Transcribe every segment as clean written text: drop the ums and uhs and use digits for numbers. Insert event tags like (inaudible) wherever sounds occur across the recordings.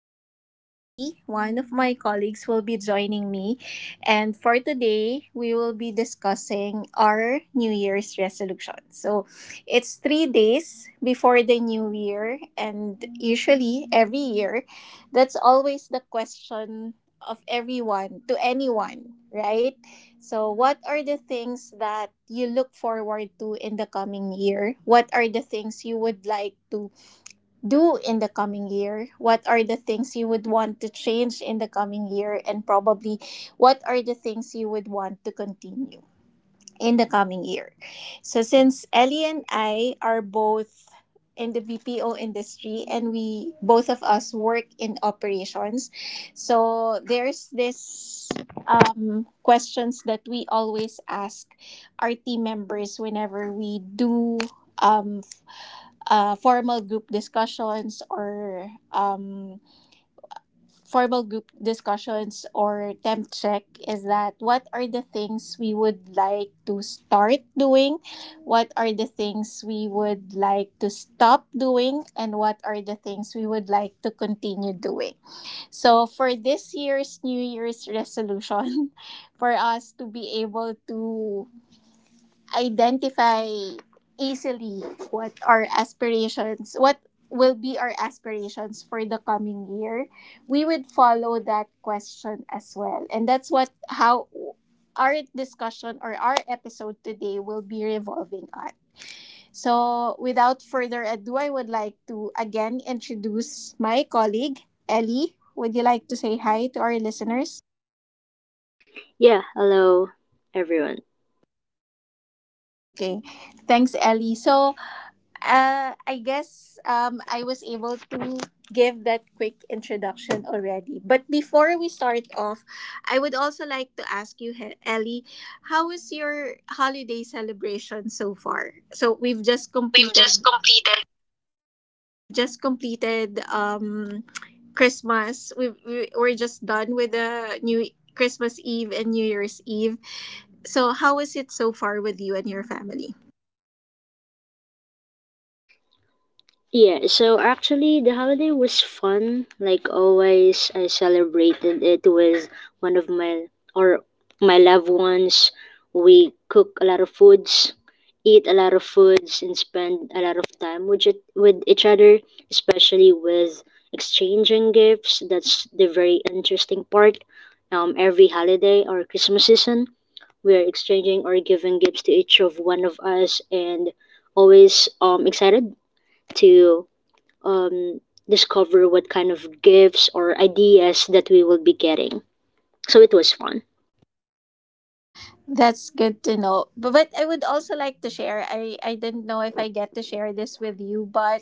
Ellie, one of my colleagues, will be joining me. And for today, we will be discussing our New Year's resolution. So it's 3 days before the new year, and usually every year, that's always the question of everyone to anyone, right? So, what are the things that you look forward to in the coming year? What are the things you would like to do in the coming year? What are the things you would want to change in the coming year? And probably, what are the things you would want to continue in the coming year? So since Ellie and I are both in the BPO industry and we both of us work in operations, so there's this questions that we always ask our team members whenever we do um, formal group discussions or formal group discussions or temp check, is that what are the things we would like to start doing, what are the things we would like to stop doing, and what are the things we would like to continue doing. So for this year's New Year's resolution, (laughs) for us to be able to identify easily what our aspirations, what will be our aspirations for the coming year, we would follow that question as well. And that's what how our discussion or our episode today will be revolving on. So, without further ado, I would like to again introduce my colleague, Ellie. Would you like to say hi to our listeners? Yeah, hello everyone. Okay. Thanks, Ellie. So, I guess I was able to give that quick introduction already. But before we start off, I would also like to ask you, Ellie, how was your holiday celebration so far? So we've just We've just completed. completed. We've just completed, Christmas. We're just done with the new Christmas Eve and New Year's Eve. So how is it so far with you and your family? Yeah, so actually the holiday was fun. Like always, I celebrated it with one of my or my loved ones. We cook a lot of foods, eat a lot of foods, and spend a lot of time with it, with each other, especially with exchanging gifts. That's the very interesting part. Every holiday or Christmas season, we are exchanging or giving gifts to each of one of us and always excited to um discover what kind of gifts or ideas that we will be getting. So it was fun. That's good to know. But I would also like to share. I didn't know if I get to share this with you, but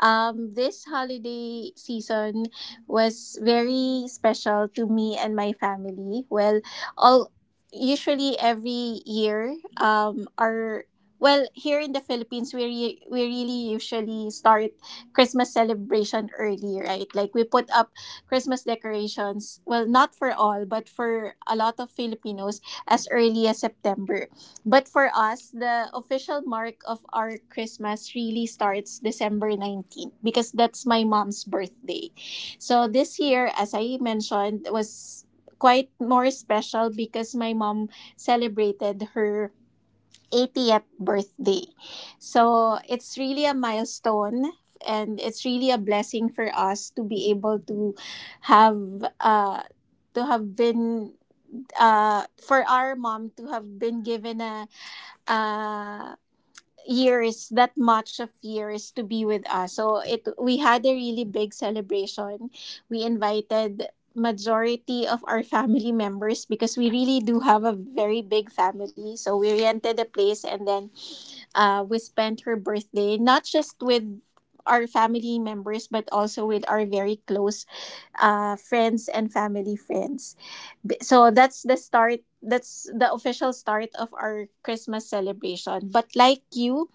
this holiday season was very special to me and my family. Well, all usually every year, our well here in the Philippines, we really usually start Christmas celebration early, right? Like we put up Christmas decorations. Well, not for all, but for a lot of Filipinos as early as September. But for us, the official mark of our Christmas really starts December 19th because that's my mom's birthday. So this year, as I mentioned, was quite more special because my mom celebrated her 80th birthday. So it's really a milestone and it's really a blessing for us to be able have uh to have been for our mom to have been given a uh, years that much of years to be with us. So it we had a really big celebration. We invited majority of our family members because we really do have a very big family. So we rented a place and then we spent her birthday not just with our family members but also with our very close friends and family friends. So that's the start. That's the official start of our Christmas celebration. But like you,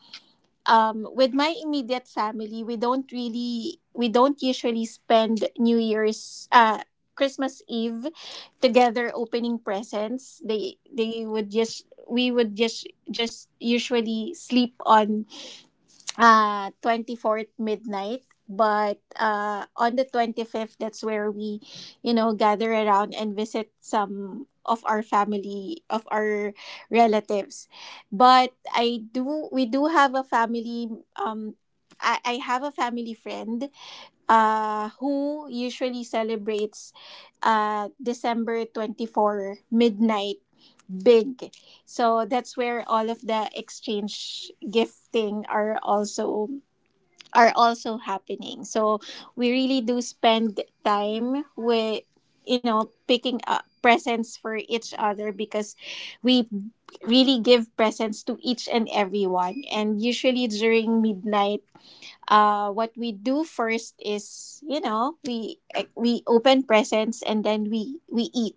with my immediate family, we don't usually spend Christmas Eve together opening presents. They would just we would just usually sleep on 24th midnight, but on the 25th that's where we, you know, gather around and visit some of our relatives. But I do we do have a family, um I have a family friend who usually celebrates december 24th midnight, big. So that's where all of the exchange gifting are also happening. So we really do spend time with, you know, picking up presents for each other because we really give presents to each and everyone. And usually during midnight, what we do first is, you know, we open presents and then we eat.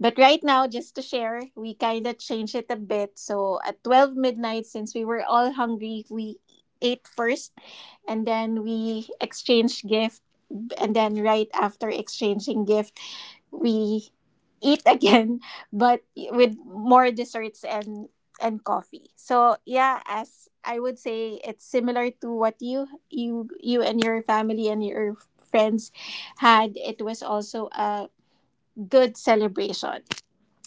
But right now, just to share, we kind of changed it a bit. So at 12 midnight, since we were all hungry, we ate first, and then we exchanged gifts, and then right after exchanging gift we eat again (laughs) but with more desserts and coffee. So yeah, as I would say, it's similar to what you and your family and your friends had. It was also a good celebration.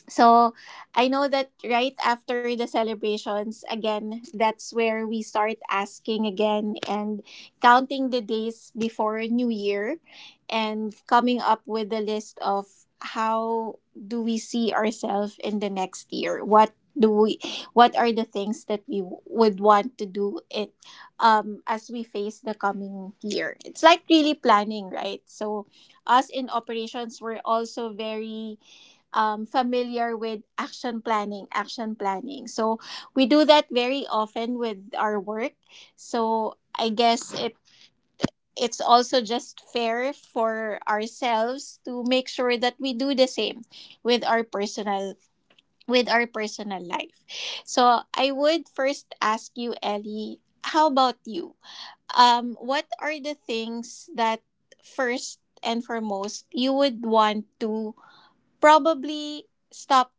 So I know that right after the celebrations, again, that's where we start asking again and counting the days before New Year and coming up with a list of how do we see ourselves in the next year? What do we What are the things that we would want to do it as we face the coming year? It's like really planning, right? So us in operations were also very familiar with action planning. So we do that very often with our work. So I guess it's also just fair for ourselves to make sure that we do the same with our personal with our personal life. So I would first ask you, Ellie, how about you? What are the things that first and foremost you would want to probably stop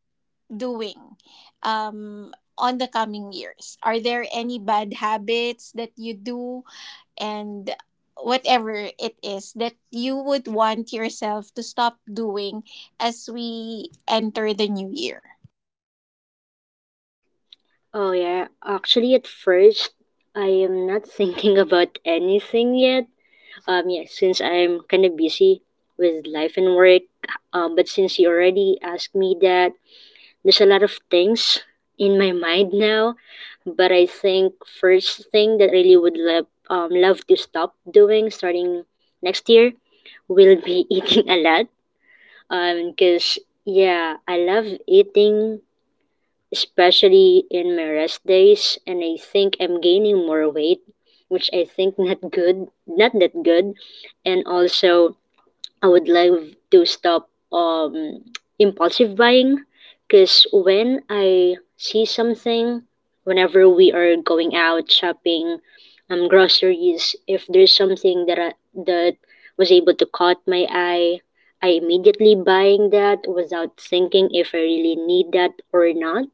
doing um, on the coming years? Are there any bad habits that you do and whatever it is that you would want yourself to stop doing as we enter the new year? Oh yeah, actually at first I am not (laughs) thinking about anything yet. Yeah, since I'm kind of busy with life and work. But since you already asked me that, there's a lot of things in my mind now, but I think first thing that I really would love love to stop doing starting next year will be (laughs) eating a lot. Cause yeah, I love eating, especially in my rest days, and I think I'm gaining more weight, which I think not good, not that good, and also I would love to stop um impulsive buying because when I see something, whenever we are going out shopping, groceries, if there's something that was able to caught my eye, I immediately buying that without thinking if I really need that or not.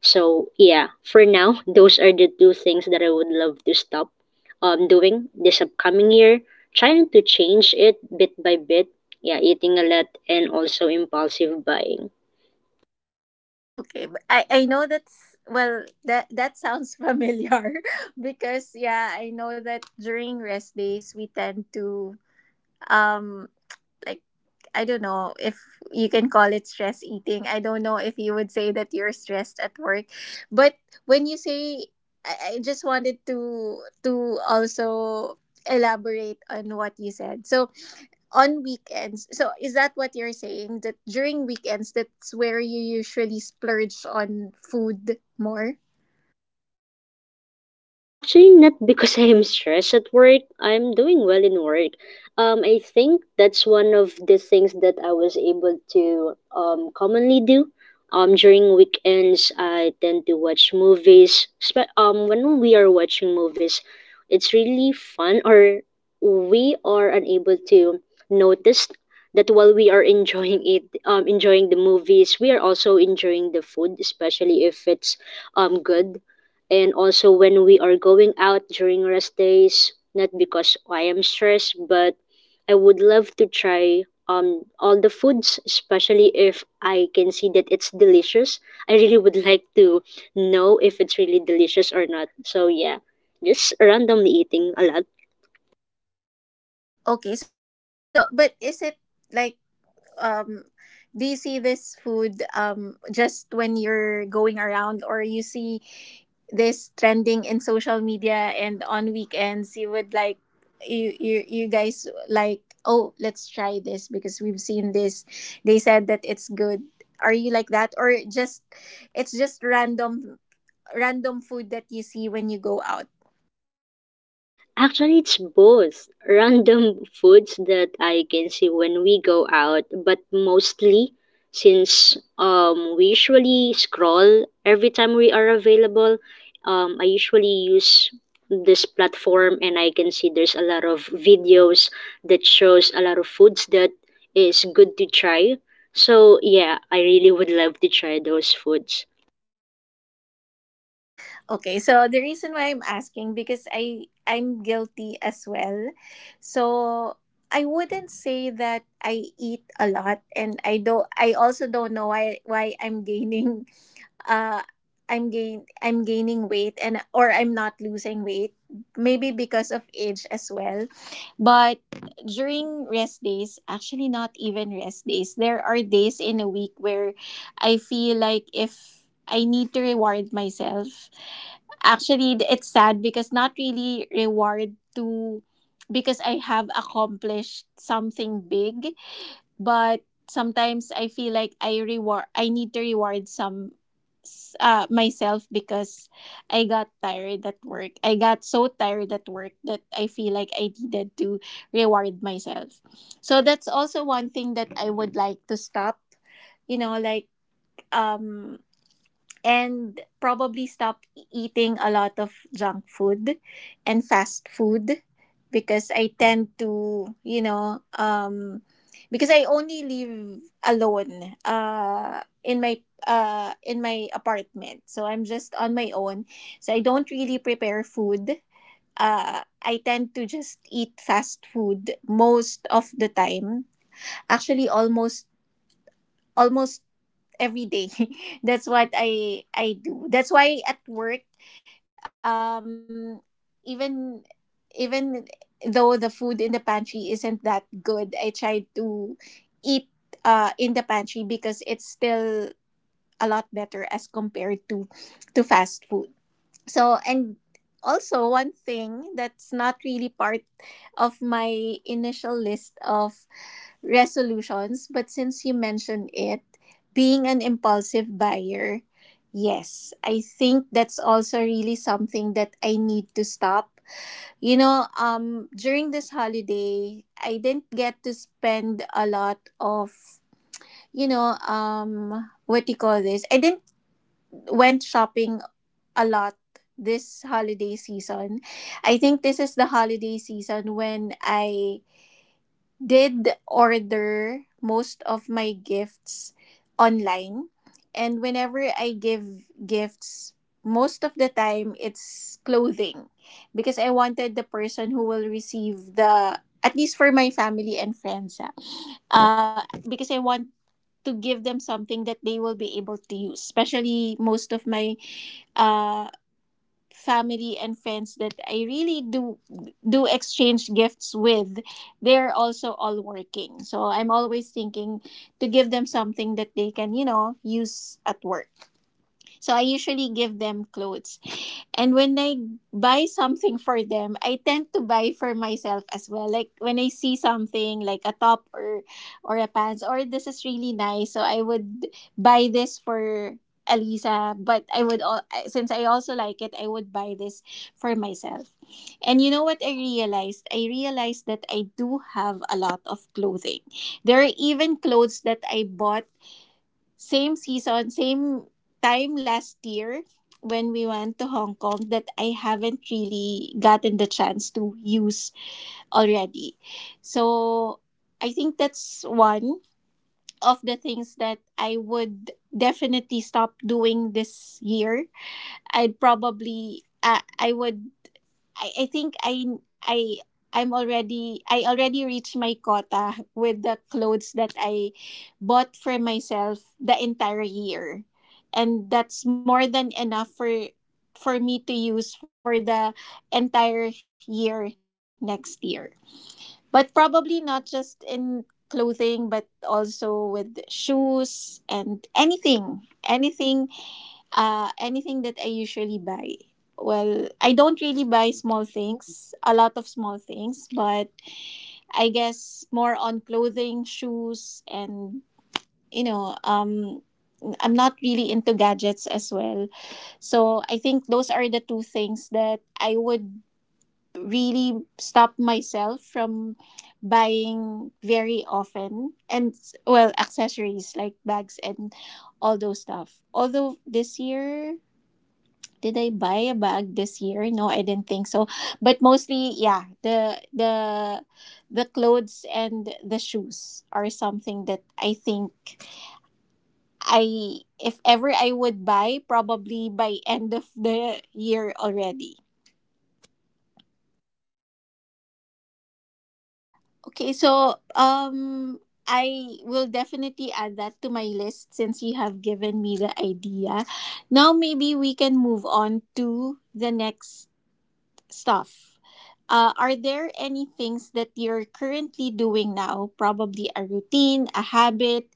So yeah, for now, those are the two things that I would love to stop doing this upcoming year. Trying to change it bit by bit. Yeah, eating a lot and also impulsive buying. Okay, but I know that's well, that that sounds familiar. (laughs) Because yeah, I know that during rest days we tend to um like I don't know if you can call it stress eating. I don't know if you would say that you're stressed at work. But when you say, I just wanted to also elaborate on what you said. So on weekends, so is that what you're saying? That during weekends that's where you usually splurge on food more? Yeah, actually not (laughs) because I am stressed at work. I'm doing well in work. I think that's one of the things that I was able to commonly do. During weekends, I tend to watch movies. When we are watching movies, it's really fun or we are unable to notice that while we are (laughs) enjoying the movies, we are also enjoying the food, especially if it's good. And also when we are going out during rest days, not because I am stressed, but I would love to try all the foods, especially if I can see that it's delicious. I really would (laughs) like to know if it's really delicious or not. So yeah, just randomly eating a lot. Okay, so but is it like, um do you see this food, just when you're going around, or you see this trending in social media and on weekends you would like, you guys like, oh, let's try this because we've seen this, they said that it's good? Are you like that, or just it's just random food that you see when you go out? Actually, it's both random foods that I can see when we go out, but mostly since we usually scroll every time we are available, I usually use this platform and I can see there's a lot of videos that shows a lot of foods that is good to try. So yeah, I really would love to try those foods. Okay, so the reason why I'm asking, because I'm guilty as well. So I wouldn't say that I eat a lot, and I also don't know why I'm gaining, uh I'm gaining weight, and or I'm not losing weight, maybe because of age as well. But during rest days, actually not even rest days, there are days in a week where I feel like if I need to reward myself. Actually, it's sad because not really reward to because I have accomplished something big, but sometimes I feel like I need to reward myself because I got tired at work. I got so tired at work that I feel like I needed to reward myself. So that's also one thing that I would like to stop. You know, like, um and probably stop eating a lot of junk food and fast food because I tend to, you know, because I only live alone in my apartment. So I'm just on my own. So I don't really prepare food. I tend to just eat fast food most of the time. Actually, almost every day. (laughs) That's what I do. That's why at work, um, even even though the food in the pantry isn't that good, I try to eat in the pantry because it's still a lot better as compared to fast food. So and also one thing that's not really part of my initial list of resolutions, but since you mentioned it, being an impulsive buyer, yes, I think that's also really something that I need to stop. You know, during this holiday, I didn't get to spend a lot of, you know, what do you call this? I didn't went shopping a lot this holiday season. I think this is the holiday season when I did order most of my gifts online. And whenever I give gifts, most of the time it's clothing because I wanted the person who will receive the, at least for my family and friends, uh because I want to give them something that they will be able to use. Especially most of my uh, family and friends that I really do exchange gifts with, they're also all working. So I'm always thinking to give them something that they can, use at work. So I usually give them clothes. And when I buy something for them, I tend to buy for myself as well. Like when I see something like a top or a pants or this is really nice, so I would buy this for Alisa, but I would all since I also like it, I would buy this for myself. And you know what I realized? I realized that I do have a lot of clothing. There are even clothes that I bought same season, same time last year when we went to Hong Kong that I haven't really gotten the chance to use already. So I think that's one of the things that I would definitely stop doing this year. I'd probably I would I think I I'm already I already reached my quota with the clothes that I bought for myself the entire year. And that's more than enough for me to use for the entire year next year. But probably not just in clothing but also with shoes and anything that I usually buy. Well, I don't really buy small things, a lot of small things, but I guess more on clothing, shoes, and you know, um, I'm not really into gadgets as well. So I think those are the two things that I would really stop myself from buying very often and well accessories like bags and all those stuff although this year did I buy a bag this year? No, I didn't think so. But mostly, yeah, the clothes and the shoes are something that I think I if ever I would buy probably by end of the year already. Okay, so I will definitely add that to my list since you have given me the idea. Now maybe we can move on to the next stuff. Are there any things that you're currently doing now, probably a routine, a habit,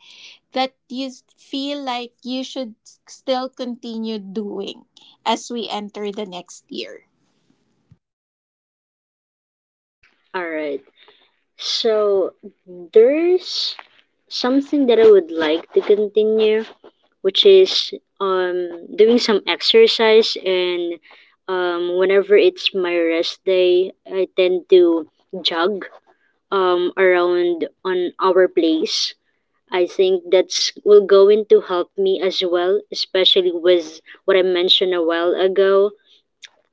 that you feel like you should still continue doing as we enter the next year? All right. So there's something that I would like to continue, which is doing some exercise. And whenever it's my rest day, I tend to jog around on our place. I think that's will going to help me as well, especially with what I mentioned a while ago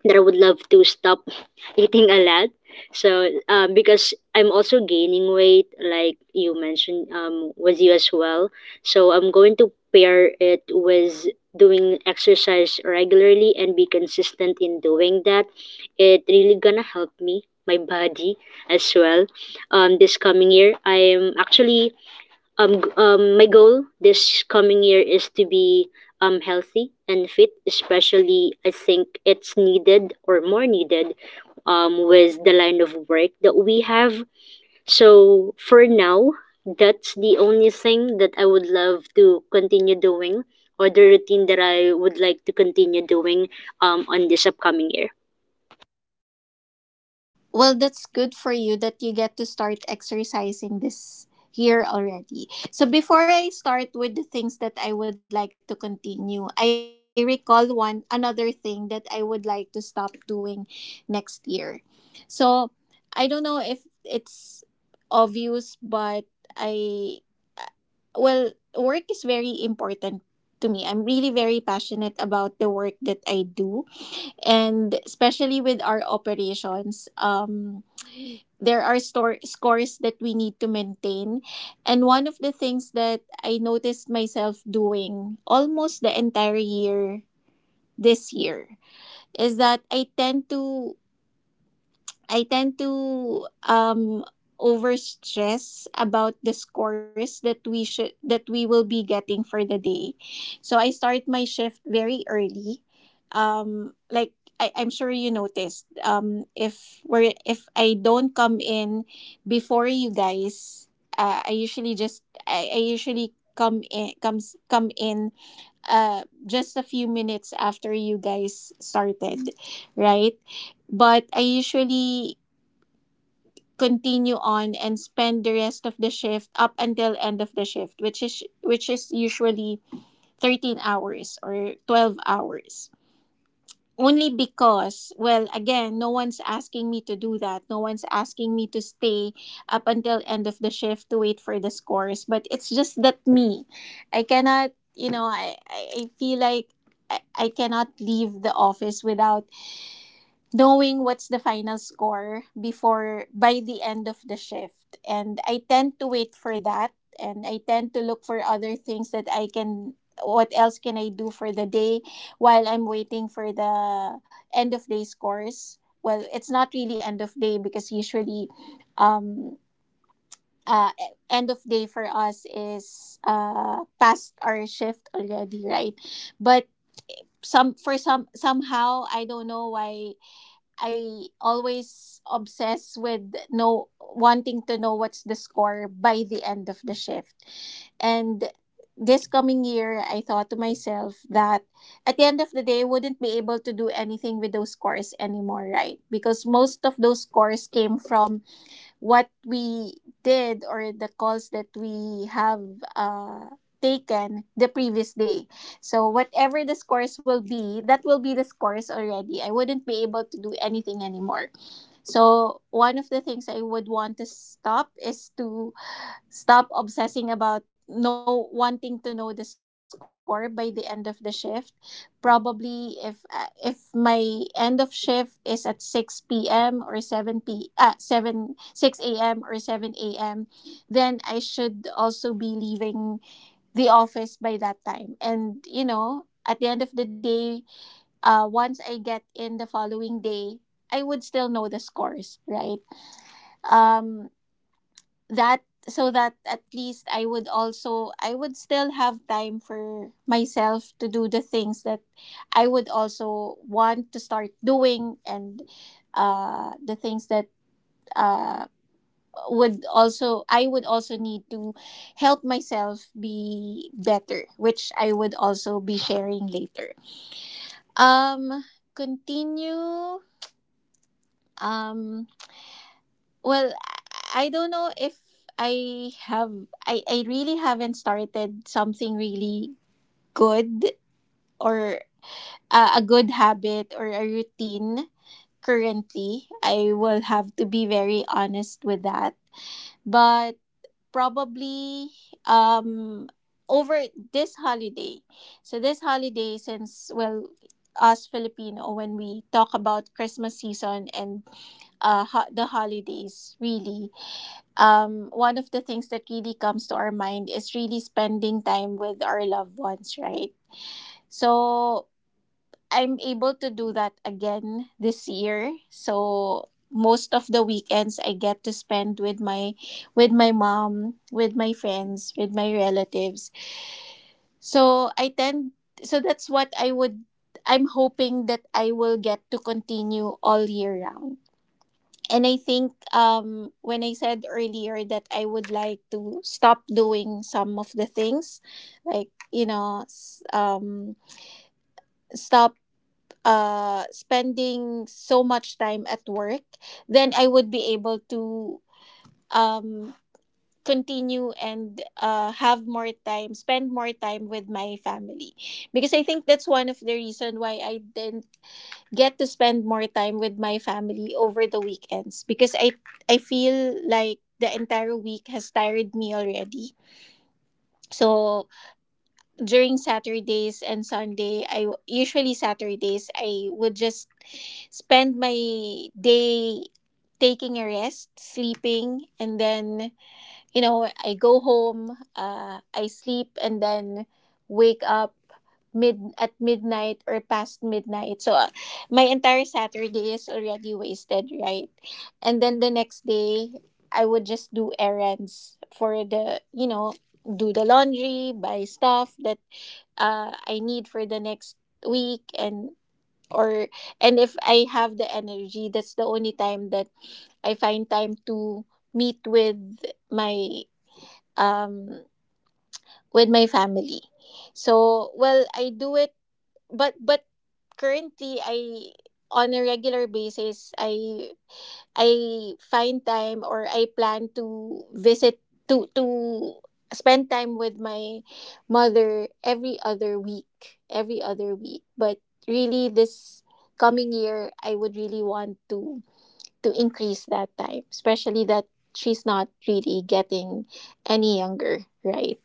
that I would love to stop (laughs) eating a lot. So because I'm also gaining weight, like you mentioned, with you as well. So I'm going to pair it with doing exercise regularly and be consistent in doing that. It really gonna help me my body as well. This coming year, I am actually, my goal this coming year is to be healthy and fit, especially I think it's needed or more needed with the line of work that we have. So for now, that's the only thing that I would love to continue doing or the routine that I would like to continue doing on this upcoming year. Well, that's good for you that you get to start exercising this year already. So before I start with the things that I would like to continue, I recall one another thing that I would like to stop doing next year. So I don't know if it's obvious, but I well, work is very important to me. I'm really very passionate about the work that I do and especially with our operations. There are store scores that we need to maintain and one of the things that I noticed myself doing almost the entire year this year is that I tend to um overstress about the scores that we should that we will be getting for the day. So I start my shift very early. Like I'm sure you noticed. If we're if I don't come in before you guys, I usually just I usually come in just a few minutes after you guys started, right? But I usually continue on and spend the rest of the shift up until end of the shift which is usually 13 hours or 12 hours only because well again no one's asking me to do that, no one's asking me to stay up until end of the shift to wait for the scores, but it's just that me, I cannot I feel like I cannot leave the office without knowing what's the final score before by the end of the shift. And I tend to wait for that and I tend to look for other things that I can, what else can I do for the day while I'm waiting for the end of day scores. Well, it's not really end of day because usually um end of day for us is past our shift already, right? But some for some somehow I don't know why I always obsess with no wanting to know what's the score by the end of the shift. And this coming year, I thought to myself that at the end of the day, I wouldn't be able to do anything with those scores anymore, right? Because most of those scores came from what we did or the calls that we have uh, taken the previous day. So whatever the scores will be, that will be the scores already. I wouldn't be able to do anything anymore. So one of the things I would want to stop is to stop obsessing about no wanting to know the score by the end of the shift. Probably if my end of shift is at 6 p.m. or 7 p 7 6 a.m. or 7 a.m., then I should also be leaving the office by that time. And you know, at the end of the day, once I get in the following day, I would still know the scores, right? Um, that so that at least I would also I would still have time for myself to do the things that I would also want to start doing and the things that uh would also I would also need to help myself be better, which I would also be sharing later. Um continue um Well, I don't know if I have I really haven't started something really good or a good habit or a routine currently. I will have to be very honest with that. But probably um over this holiday. So this holiday, since well, us Filipino, when we talk about Christmas season and the holidays, really, one of the things that really comes to our mind is really spending time with our loved ones, right? So I'm able to do that again this year. So most of the weekends I get to spend with my mom, with my friends, with my relatives. So I tend so that's what I would, I'm hoping that I will get to continue all year round. And I think when I said earlier that I would like to stop doing some of the things, like, you know, s- stop spending so much time at work, then I would be able to um, continue and have more time, spend more time with my family. Because I think that's one of the reason why I didn't get to spend more time with my family over the weekends because I feel like the entire week has tired me already. So during Saturdays and Sunday, usually Saturdays I would just spend my day taking a rest, sleeping, and then you know, I go home, I sleep, and then wake up midnight or past midnight. So my entire Saturday is already wasted, right? And then the next day, I would just do errands for the, you know, do the laundry, buy stuff that I need for the next week, and or and if I have the energy, that's the only time that I find time to meet my um with my family. So well I do it, but currently I, on a regular basis, I find time or I plan to visit to spend time with my mother every other week, every other week. But really this coming year I would really want to increase that time, especially that she's not really getting any younger, right?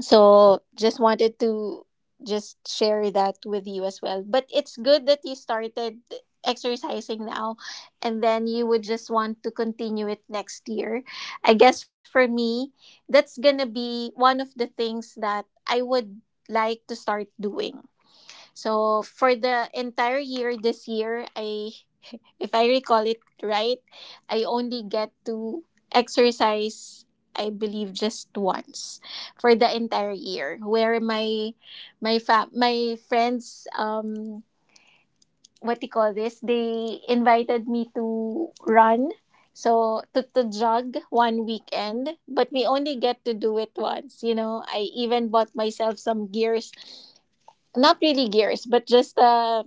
So just wanted to just share that with you as well. But it's good that you started exercising now and then you would just want to continue it next year. I guess for me, that's going to be one of the things that I would like to start doing. So for the entire year this year, I if I recall it right, I only get to exercise I believe just once for the entire year where my my friends what do you call this, they invited me to run, so to jog one weekend, but we only get to do it once. You know, I even bought myself some gears, not really gears but just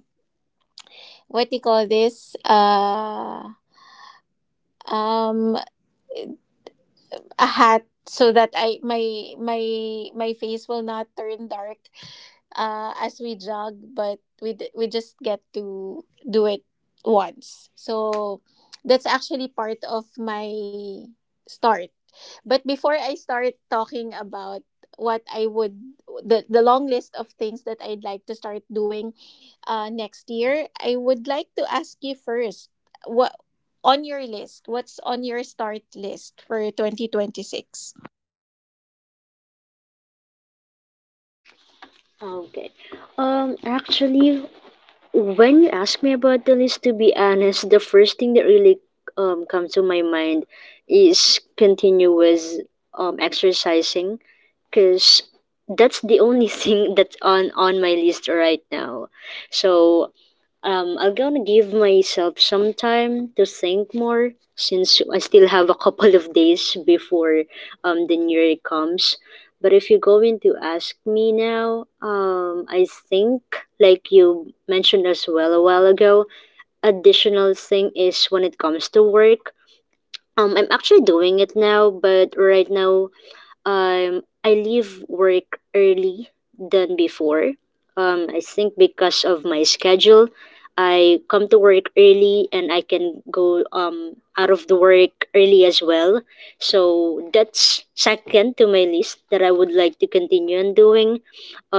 what do you call this um a hat so that I my face will not turn dark as we jog, but we just get to do it once. So that's actually part of my start. But before I start talking about what I would, the long list of things that I'd like to start doing next year, I would like to ask you first what, on your list, what's on your start list for 2026? Okay. Actually, when you ask me about the list, to be honest, the first thing that really comes to my mind is continuous exercising, because that's the only (laughs) thing that's on my list right now. So I'm gonna give myself some time to think more since I still have a couple of days before the new year comes. But if you're going to ask me now, I think, like you mentioned as well a while ago, additional thing is when it comes to work, I'm actually doing it now, but right now, I leave work early than before. I think because of my schedule, I come to work early and I can go out of the work early as well. So that's second to my list that I would like to continue on doing.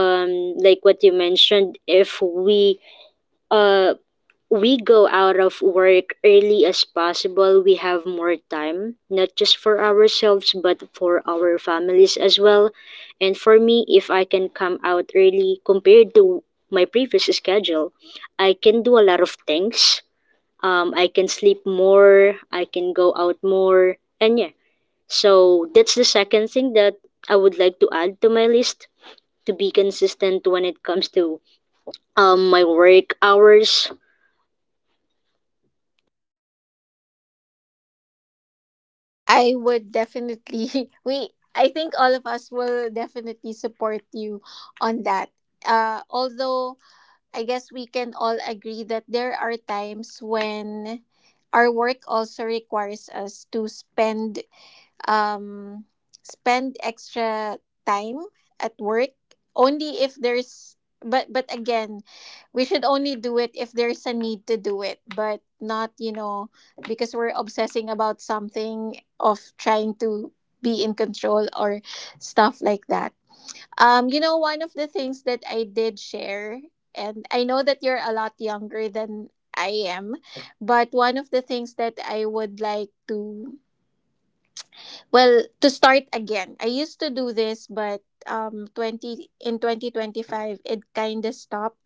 Like what you mentioned, if we go out of work early as possible, we have more time, not just for ourselves, but for our families as well. And for me, if I can come out early compared to my previous schedule, I can do a lot of things. I can sleep more, I can go out more, and yeah. So that's the second thing that I would like to add to my list, to be consistent when it comes to my work hours. I would definitely (laughs) we I think all of us will definitely support you on that. Although I guess we can all agree that there are times when our work also requires us to spend um spend extra time at work only if there's, but again, we should only do it if there's a need to do it, but not because we're obsessing about something of trying to be in control or stuff like that. One of the things that I did share, and I know that you're a lot younger than I am, but one of the things that I would like to, well, to start again. I used to do this, but 20 in 2025, it kind of stopped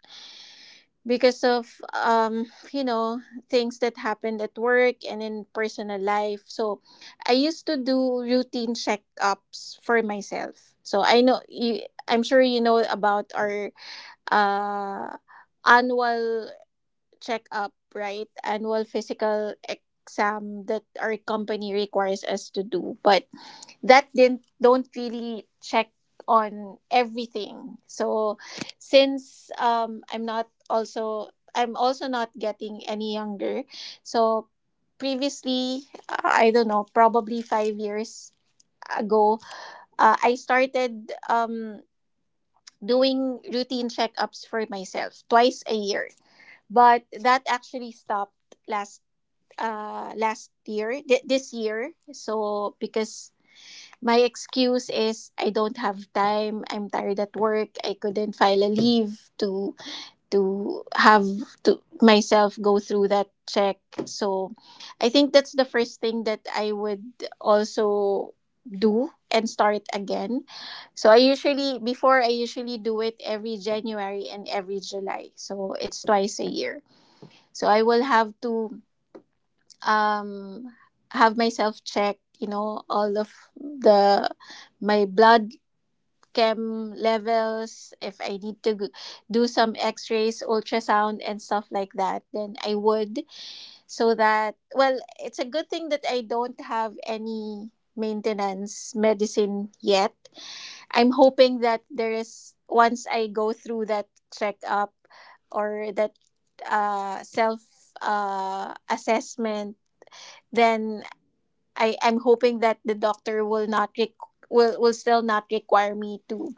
because of, you know, things that happened at work and in personal life. So I used to do routine checkups for myself. So I know you, I'm sure you know about our uh, annual checkup, right? Annual physical exam that our company requires us to do, but that didn't don't really check on everything. So since I'm not also I'm also not getting any younger, so previously, I don't know, probably 5 years ago, I started doing routine checkups for myself twice a year, but that actually stopped last, last year, this year. So because my excuse is I don't have time, I'm tired at work, I couldn't file a leave to have to myself go through that check. So I think that's the first thing that I would also do and start again. So I usually before I usually do it every January and every July, so it's twice a year. So I will have to, um, have myself checked, you know, all of the my blood chem levels. If I need to do some X-rays, ultrasound, and stuff like that, then I would. So that, well, it's a good thing that I don't have any maintenance medicine yet. I'm hoping that there is once I go through that checkup or that self assessment, then I'm hoping that the doctor will not will still not require me to,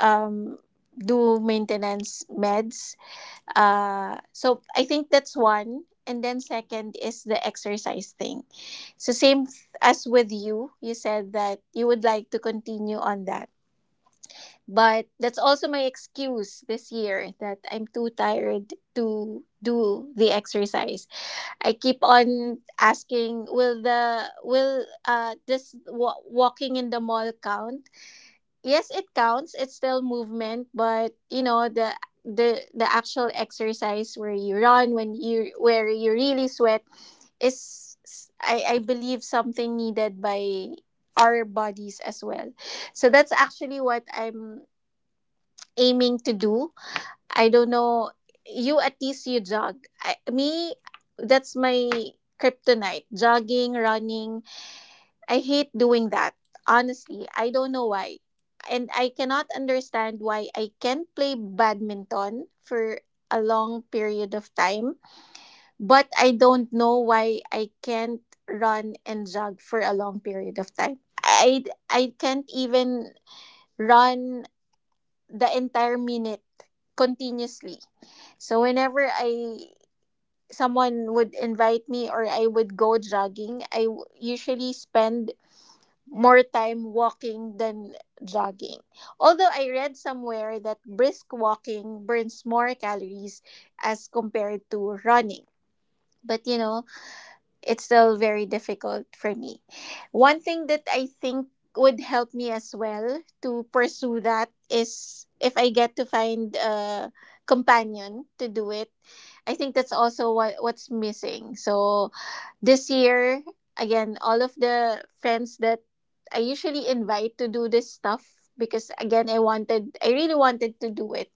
um, do maintenance meds. So I think that's one. And then second is the exercise thing. So same as with you, you said that you would like to continue on that, but that's also my excuse this year that I'm too tired to do the exercise. I keep on asking, will the will this walking in the mall count? Yes, it counts. It's still movement, but you know the actual exercise where you run when you where you really sweat is I believe something needed by our bodies as well. So that's actually what I'm aiming to do. I don't know. You at least you jog. I, me, that's my kryptonite. Jogging, running. I hate doing that. Honestly, I don't know why. And I cannot understand why I can play badminton for a long period of time, but I don't know why I can't run and jog for a long period of time. I can't even run the entire minute continuously. So whenever I someone would invite me or I would go jogging, I usually spend more time walking than jogging. Although I read somewhere that brisk walking burns more calories as compared to running. But you know, it's still very difficult for me. One thing that I think would help me as well to pursue that is if I get to find a companion to do it. I think that's also what what's missing. So this year, again, all of the friends that I usually invite to do this stuff because again I wanted I really wanted to do it,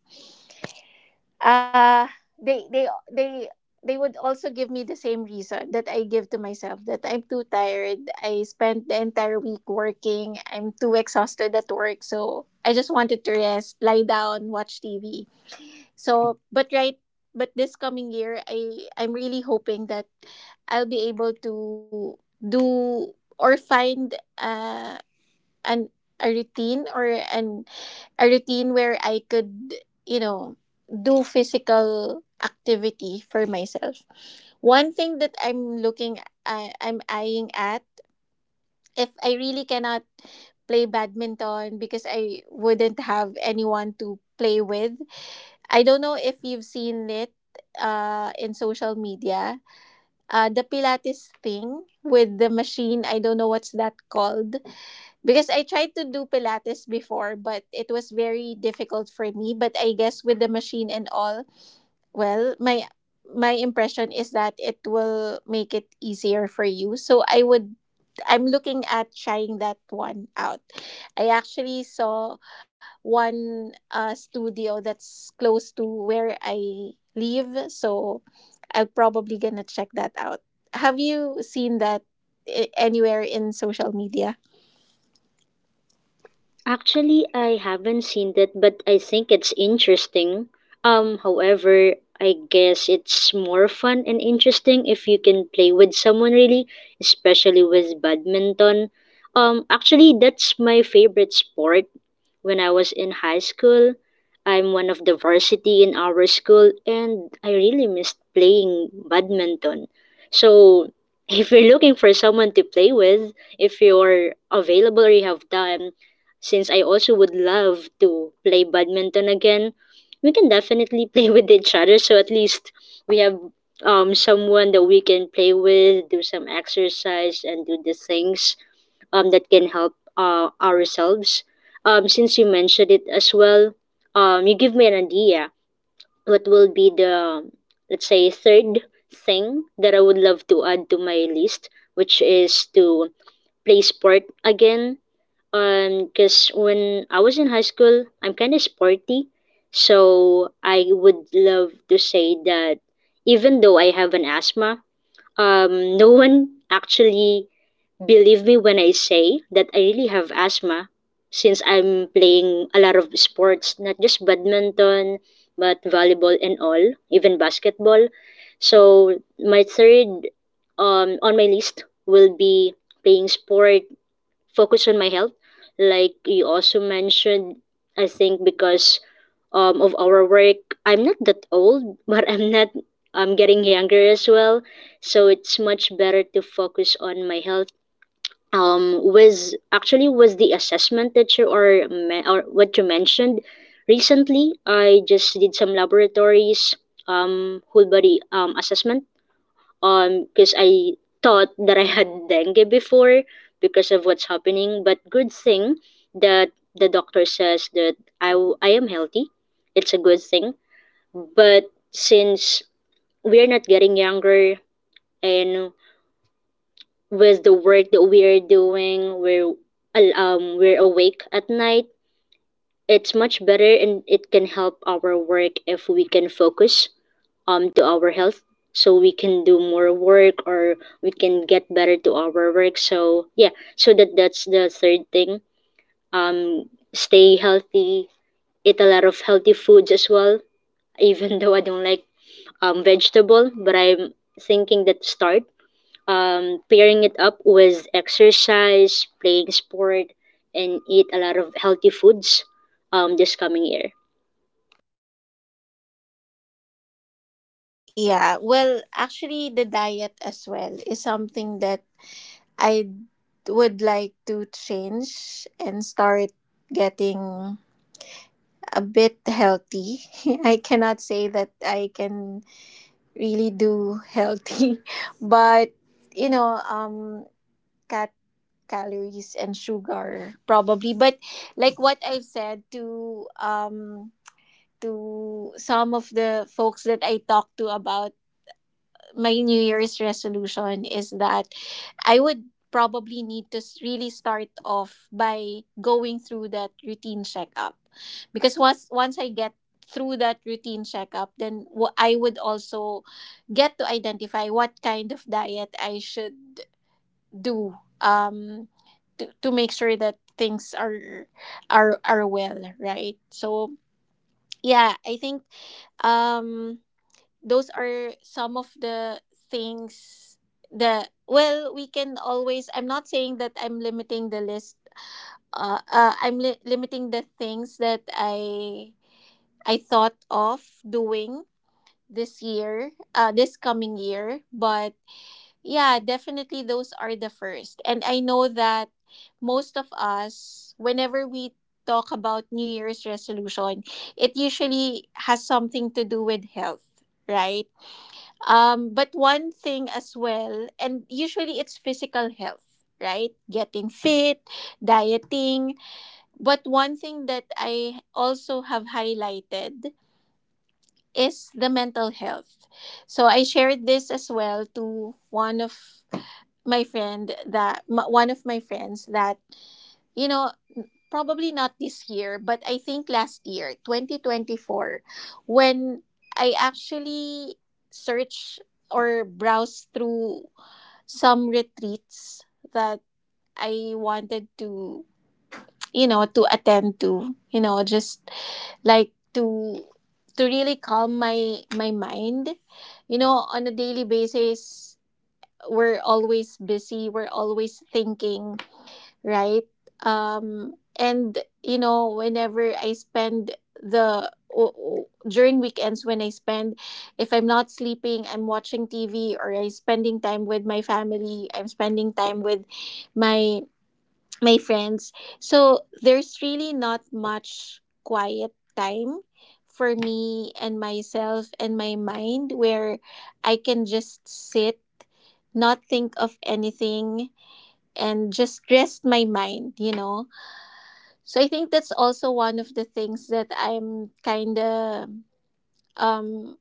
uh they they would also give me the same reason that I give to myself that I'm too tired. I spent the entire week working. I'm too exhausted at work, so I just wanted to rest, lie down, watch TV. So, but right, but this coming year, I'm really hoping that I'll be able to do or find uh an a routine or an a routine where I could, you know, do physical activity for myself. One thing that I'm looking I'm eyeing at if I really cannot play badminton because I wouldn't have anyone to play with. I don't know if you've seen it in social media. The Pilates thing with the machine, I don't know what's that called. Because I tried to do Pilates before, but it was very difficult for me. But I guess with the machine and all, well, my impression is that it will make it easier for you. So I would I'm looking at trying that one out. I actually saw one, studio that's close to where I live, so I'm probably gonna check that out. Have you seen that anywhere in social media? Actually, I haven't seen that, but I think it's interesting. However, I guess it's more fun and interesting if you can play with someone really, especially with badminton. Actually, that's my favorite sport. When I was in high school, I'm one of the varsity in our school, and I really missed playing badminton. So, (laughs) if you're looking for someone to play with, if you're available or you have time, since I also would love to play badminton again, we can definitely (laughs) play with each other. So at least we have someone that we can play with, do some exercise, and do the things that can help ourselves. Since you mentioned it as well, you give me an idea. What will be the, let's say, third thing that I would love to add to my list, which is to play sport again. And because when I was in high school, I'm kind of sporty. So I would love to say that even though I have an asthma, no one actually believe me when I say that I really have asthma since I'm playing a lot of sports, not just badminton, but volleyball and all, even basketball. So my third, on my list will be playing sport, focus on my health, like you also mentioned. I think because of our work, I'm not that old (laughs) but I'm not I'm getting younger as well. So it's much better to focus on my health. Was actually was the assessment that you or what you mentioned recently. I just did some laboratories, whole body assessment, because I thought that I had dengue before because of what's happening. But good thing that the doctor says that I am healthy. It's a good thing. But since we're not getting younger, and with the work that we're doing, we're awake at night. It's much better and it can help our work if we can focus to our health, so we can do more work or we can get better to our work. So yeah, so that, that's the third thing. um Stay healthy, eat a lot of healthy foods as well, (laughs) even though I don't like vegetable. But I'm thinking that start pairing it up with exercise, playing sport, and eat a lot of healthy foods this coming year. Yeah, well, actually, the diet as well is something that I would like to change and start getting a bit healthy. (laughs) I cannot say that I can really do healthy, (laughs) but you know, cut calories and sugar probably. But like what I've said to some of the folks that I talked to about my New Year's resolution is that I would probably need to really start off by going through that routine checkup because once I get through that routine checkup, then I would also get to identify what kind of diet I should do, to make sure that things are are well, right? So yeah, I think, um those are some of the things that, well, we can always I'm not saying that I'm limiting the list, I'm limiting the things that I thought of doing this year, this coming year. But yeah, definitely those are the first, and I know that most of us whenever we talk about New Year's resolution, it usually has something to do with health, right? But one thing as well, and usually it's physical health, right? Getting fit, dieting. But one thing that I also have highlighted is the mental health. So I shared this as well to one of my friend that one of my friends that, you know, probably not this year, but I think last year 2024, when I actually search or browse through some retreats that I wanted to, you know, to attend to, you know, just like to really calm my mind. You know, on a daily basis, we're always busy, we're always thinking, right? And you know, whenever I spend during weekends when I spend, if I'm not sleeping, I'm watching TV or I'm spending time with my family. I'm spending time with my my friends. So there's really not much quiet time for me and myself and my mind where I can just sit, not think of anything, and just rest my mind. You know, so I think that's also one of the things that I'm kind of, um,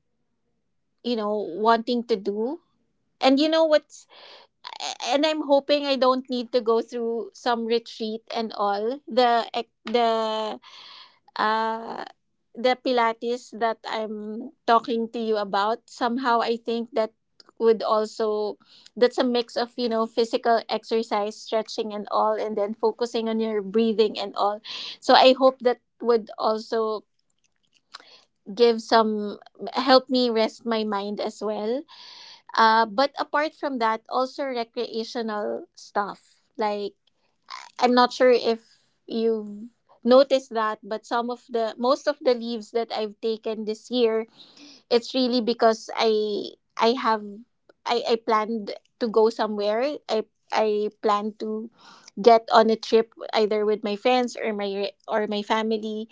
you know, wanting to do. And you know what's, and I'm hoping I don't need to go through some retreat and all uh the Pilates that I'm talking to you about. Somehow I think that would also that's a mix of, you know, physical exercise, stretching and all, and then focusing on your breathing and all. So I hope that would also give some help me rest my mind as well. But apart from that, also recreational stuff like I'm not sure if you've noticed that, but some of the most of the leaves that I've taken this year, it's really because I have I planned to go somewhere, I plan to get on a trip either with my friends or my family.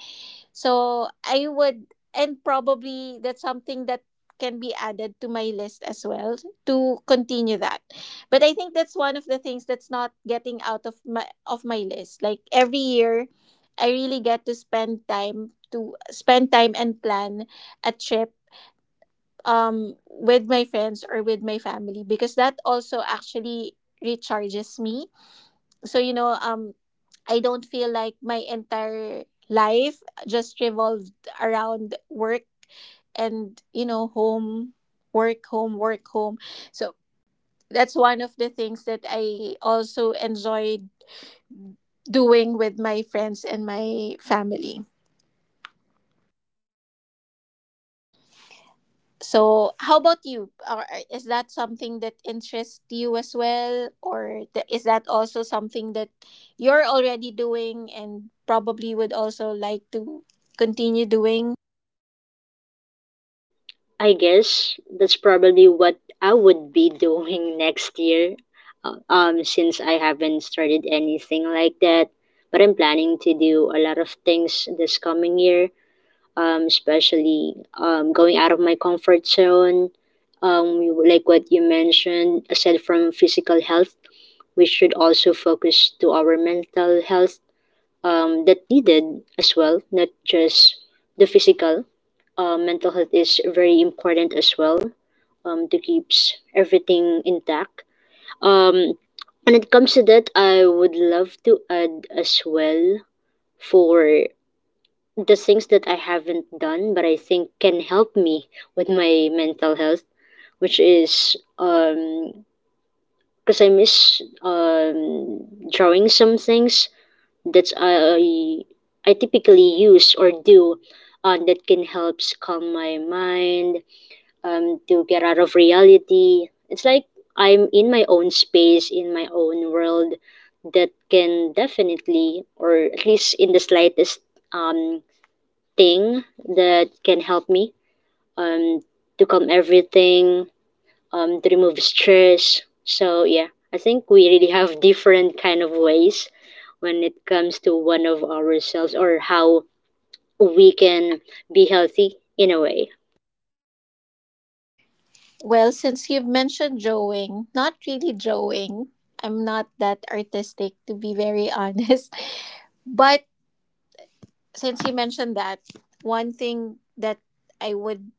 So I would, and probably that's something that can be added to my list as well to continue that. But I think that's one of the things that's not getting out of my list. Like every year, I really get to spend time and plan a trip, with my friends or with my family, because that also actually recharges me. So you know, I don't feel like my entire life just revolved around work and, you know, home work home work home. So that's one of the things that I also enjoyed doing with my friends and my family. So how about you? Or is that something that interests you as well, or is that also something that you're already doing and probably would also like to continue doing? I guess that's probably what I would be doing (laughs) next year, since I haven't started anything like that. But I'm planning to do a lot of things this coming year, especially going out of my comfort zone. Like what you mentioned, aside from physical health, we should also focus to our mental health, that needed as well, not just the physical. Mental health is very important as well, to keeps everything intact. Um, when it comes to that, I would love to add as well for the things that I haven't done, but I think can help me with my mental health, which is because I miss drawing some things that I typically use or do, that can help calm my mind, to get out of reality. It's like I'm in my own space, in my own world, that can definitely, or at least in the slightest um, thing that can help me um, to calm everything, to remove stress. So yeah, I think we really have (laughs) different kind of ways when it comes to one of ourselves or how we can be healthy in a way. Well, since you've mentioned drawing, not really drawing. I'm not that artistic to be very (laughs) honest. But since you mentioned that, one thing that I would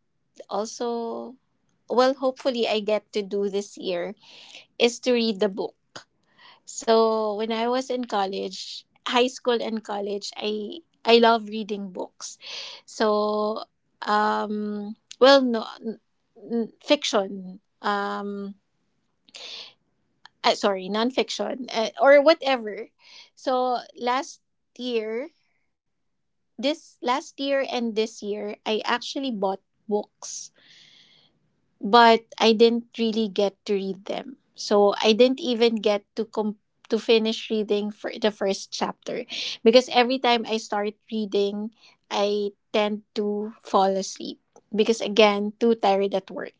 also, well, hopefully I get to do this year, is to read the book. So, when I was in college, high school and college, I love reading books. So, well, no n- n- fiction. Um, sorry, nonfiction, or whatever. So last year, this last year and this year, I actually bought books, but I didn't really get to read them. So I didn't even get to to finish reading for the first chapter because every time I start reading, I tend to fall asleep because again, too tired at work.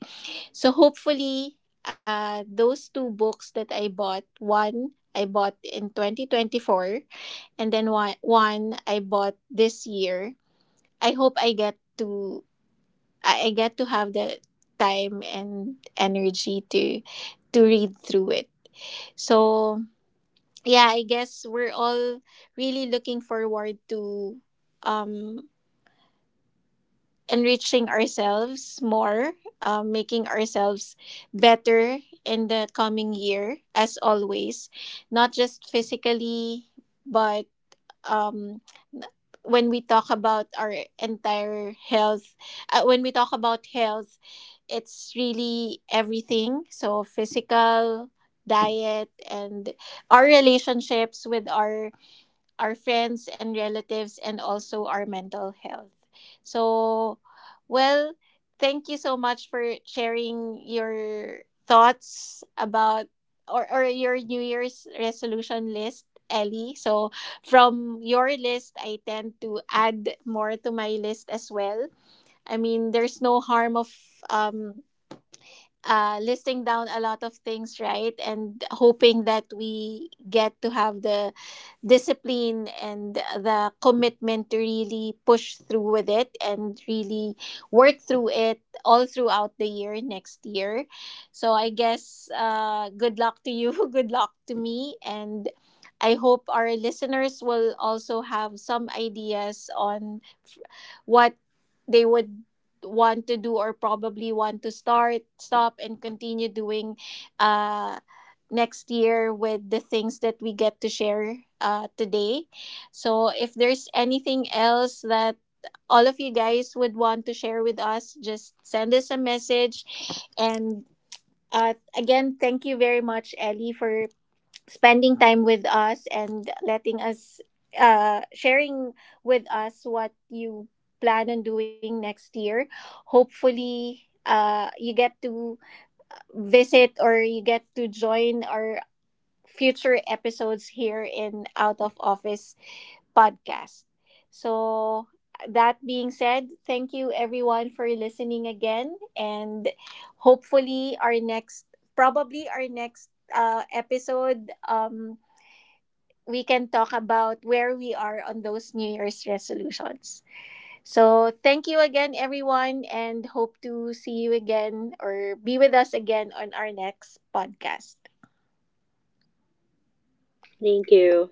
So hopefully, those two books that I bought, one I bought in 2024, and then one I bought this year. I hope I get to I get to have the time and energy to read through it. So yeah, I guess we're all really looking forward to, um enriching ourselves more, making ourselves better in the coming year, as always, not just physically, but, um, when we talk about our entire health, when we talk about health, it's really everything. So, physical, diet, and our relationships with our friends and relatives, and also our mental health. So, well, thank you so much for sharing your thoughts about or your New Year's resolution list, Ellie. So, from your list, I tend to add more to my list as well. I mean, there's no harm of, um listing down a lot of things, right? And hoping that we get to have the discipline and the commitment to really push through with it and really work through it all throughout the year next year. So I guess, good luck to you, (laughs) good luck to me, and I hope our listeners will also have some ideas on what they would want to do or probably want to start, stop, and continue doing, uh, next year with the things that we get to share, today. So, if there's anything else that all of you guys would want to share with us, just send us a message. And, again, thank you very much, Ellie, for spending time with us and letting us sharing with us what you plan on doing next year. Hopefully, you get to visit or you get to join our future episodes here in Out of Office podcast. So that being said, thank you everyone for listening again, and hopefully our next probably our next episode, we can talk about where we are on those New Year's resolutions. So, thank you again, everyone, and hope to see you again or be with us again on our next podcast. Thank you.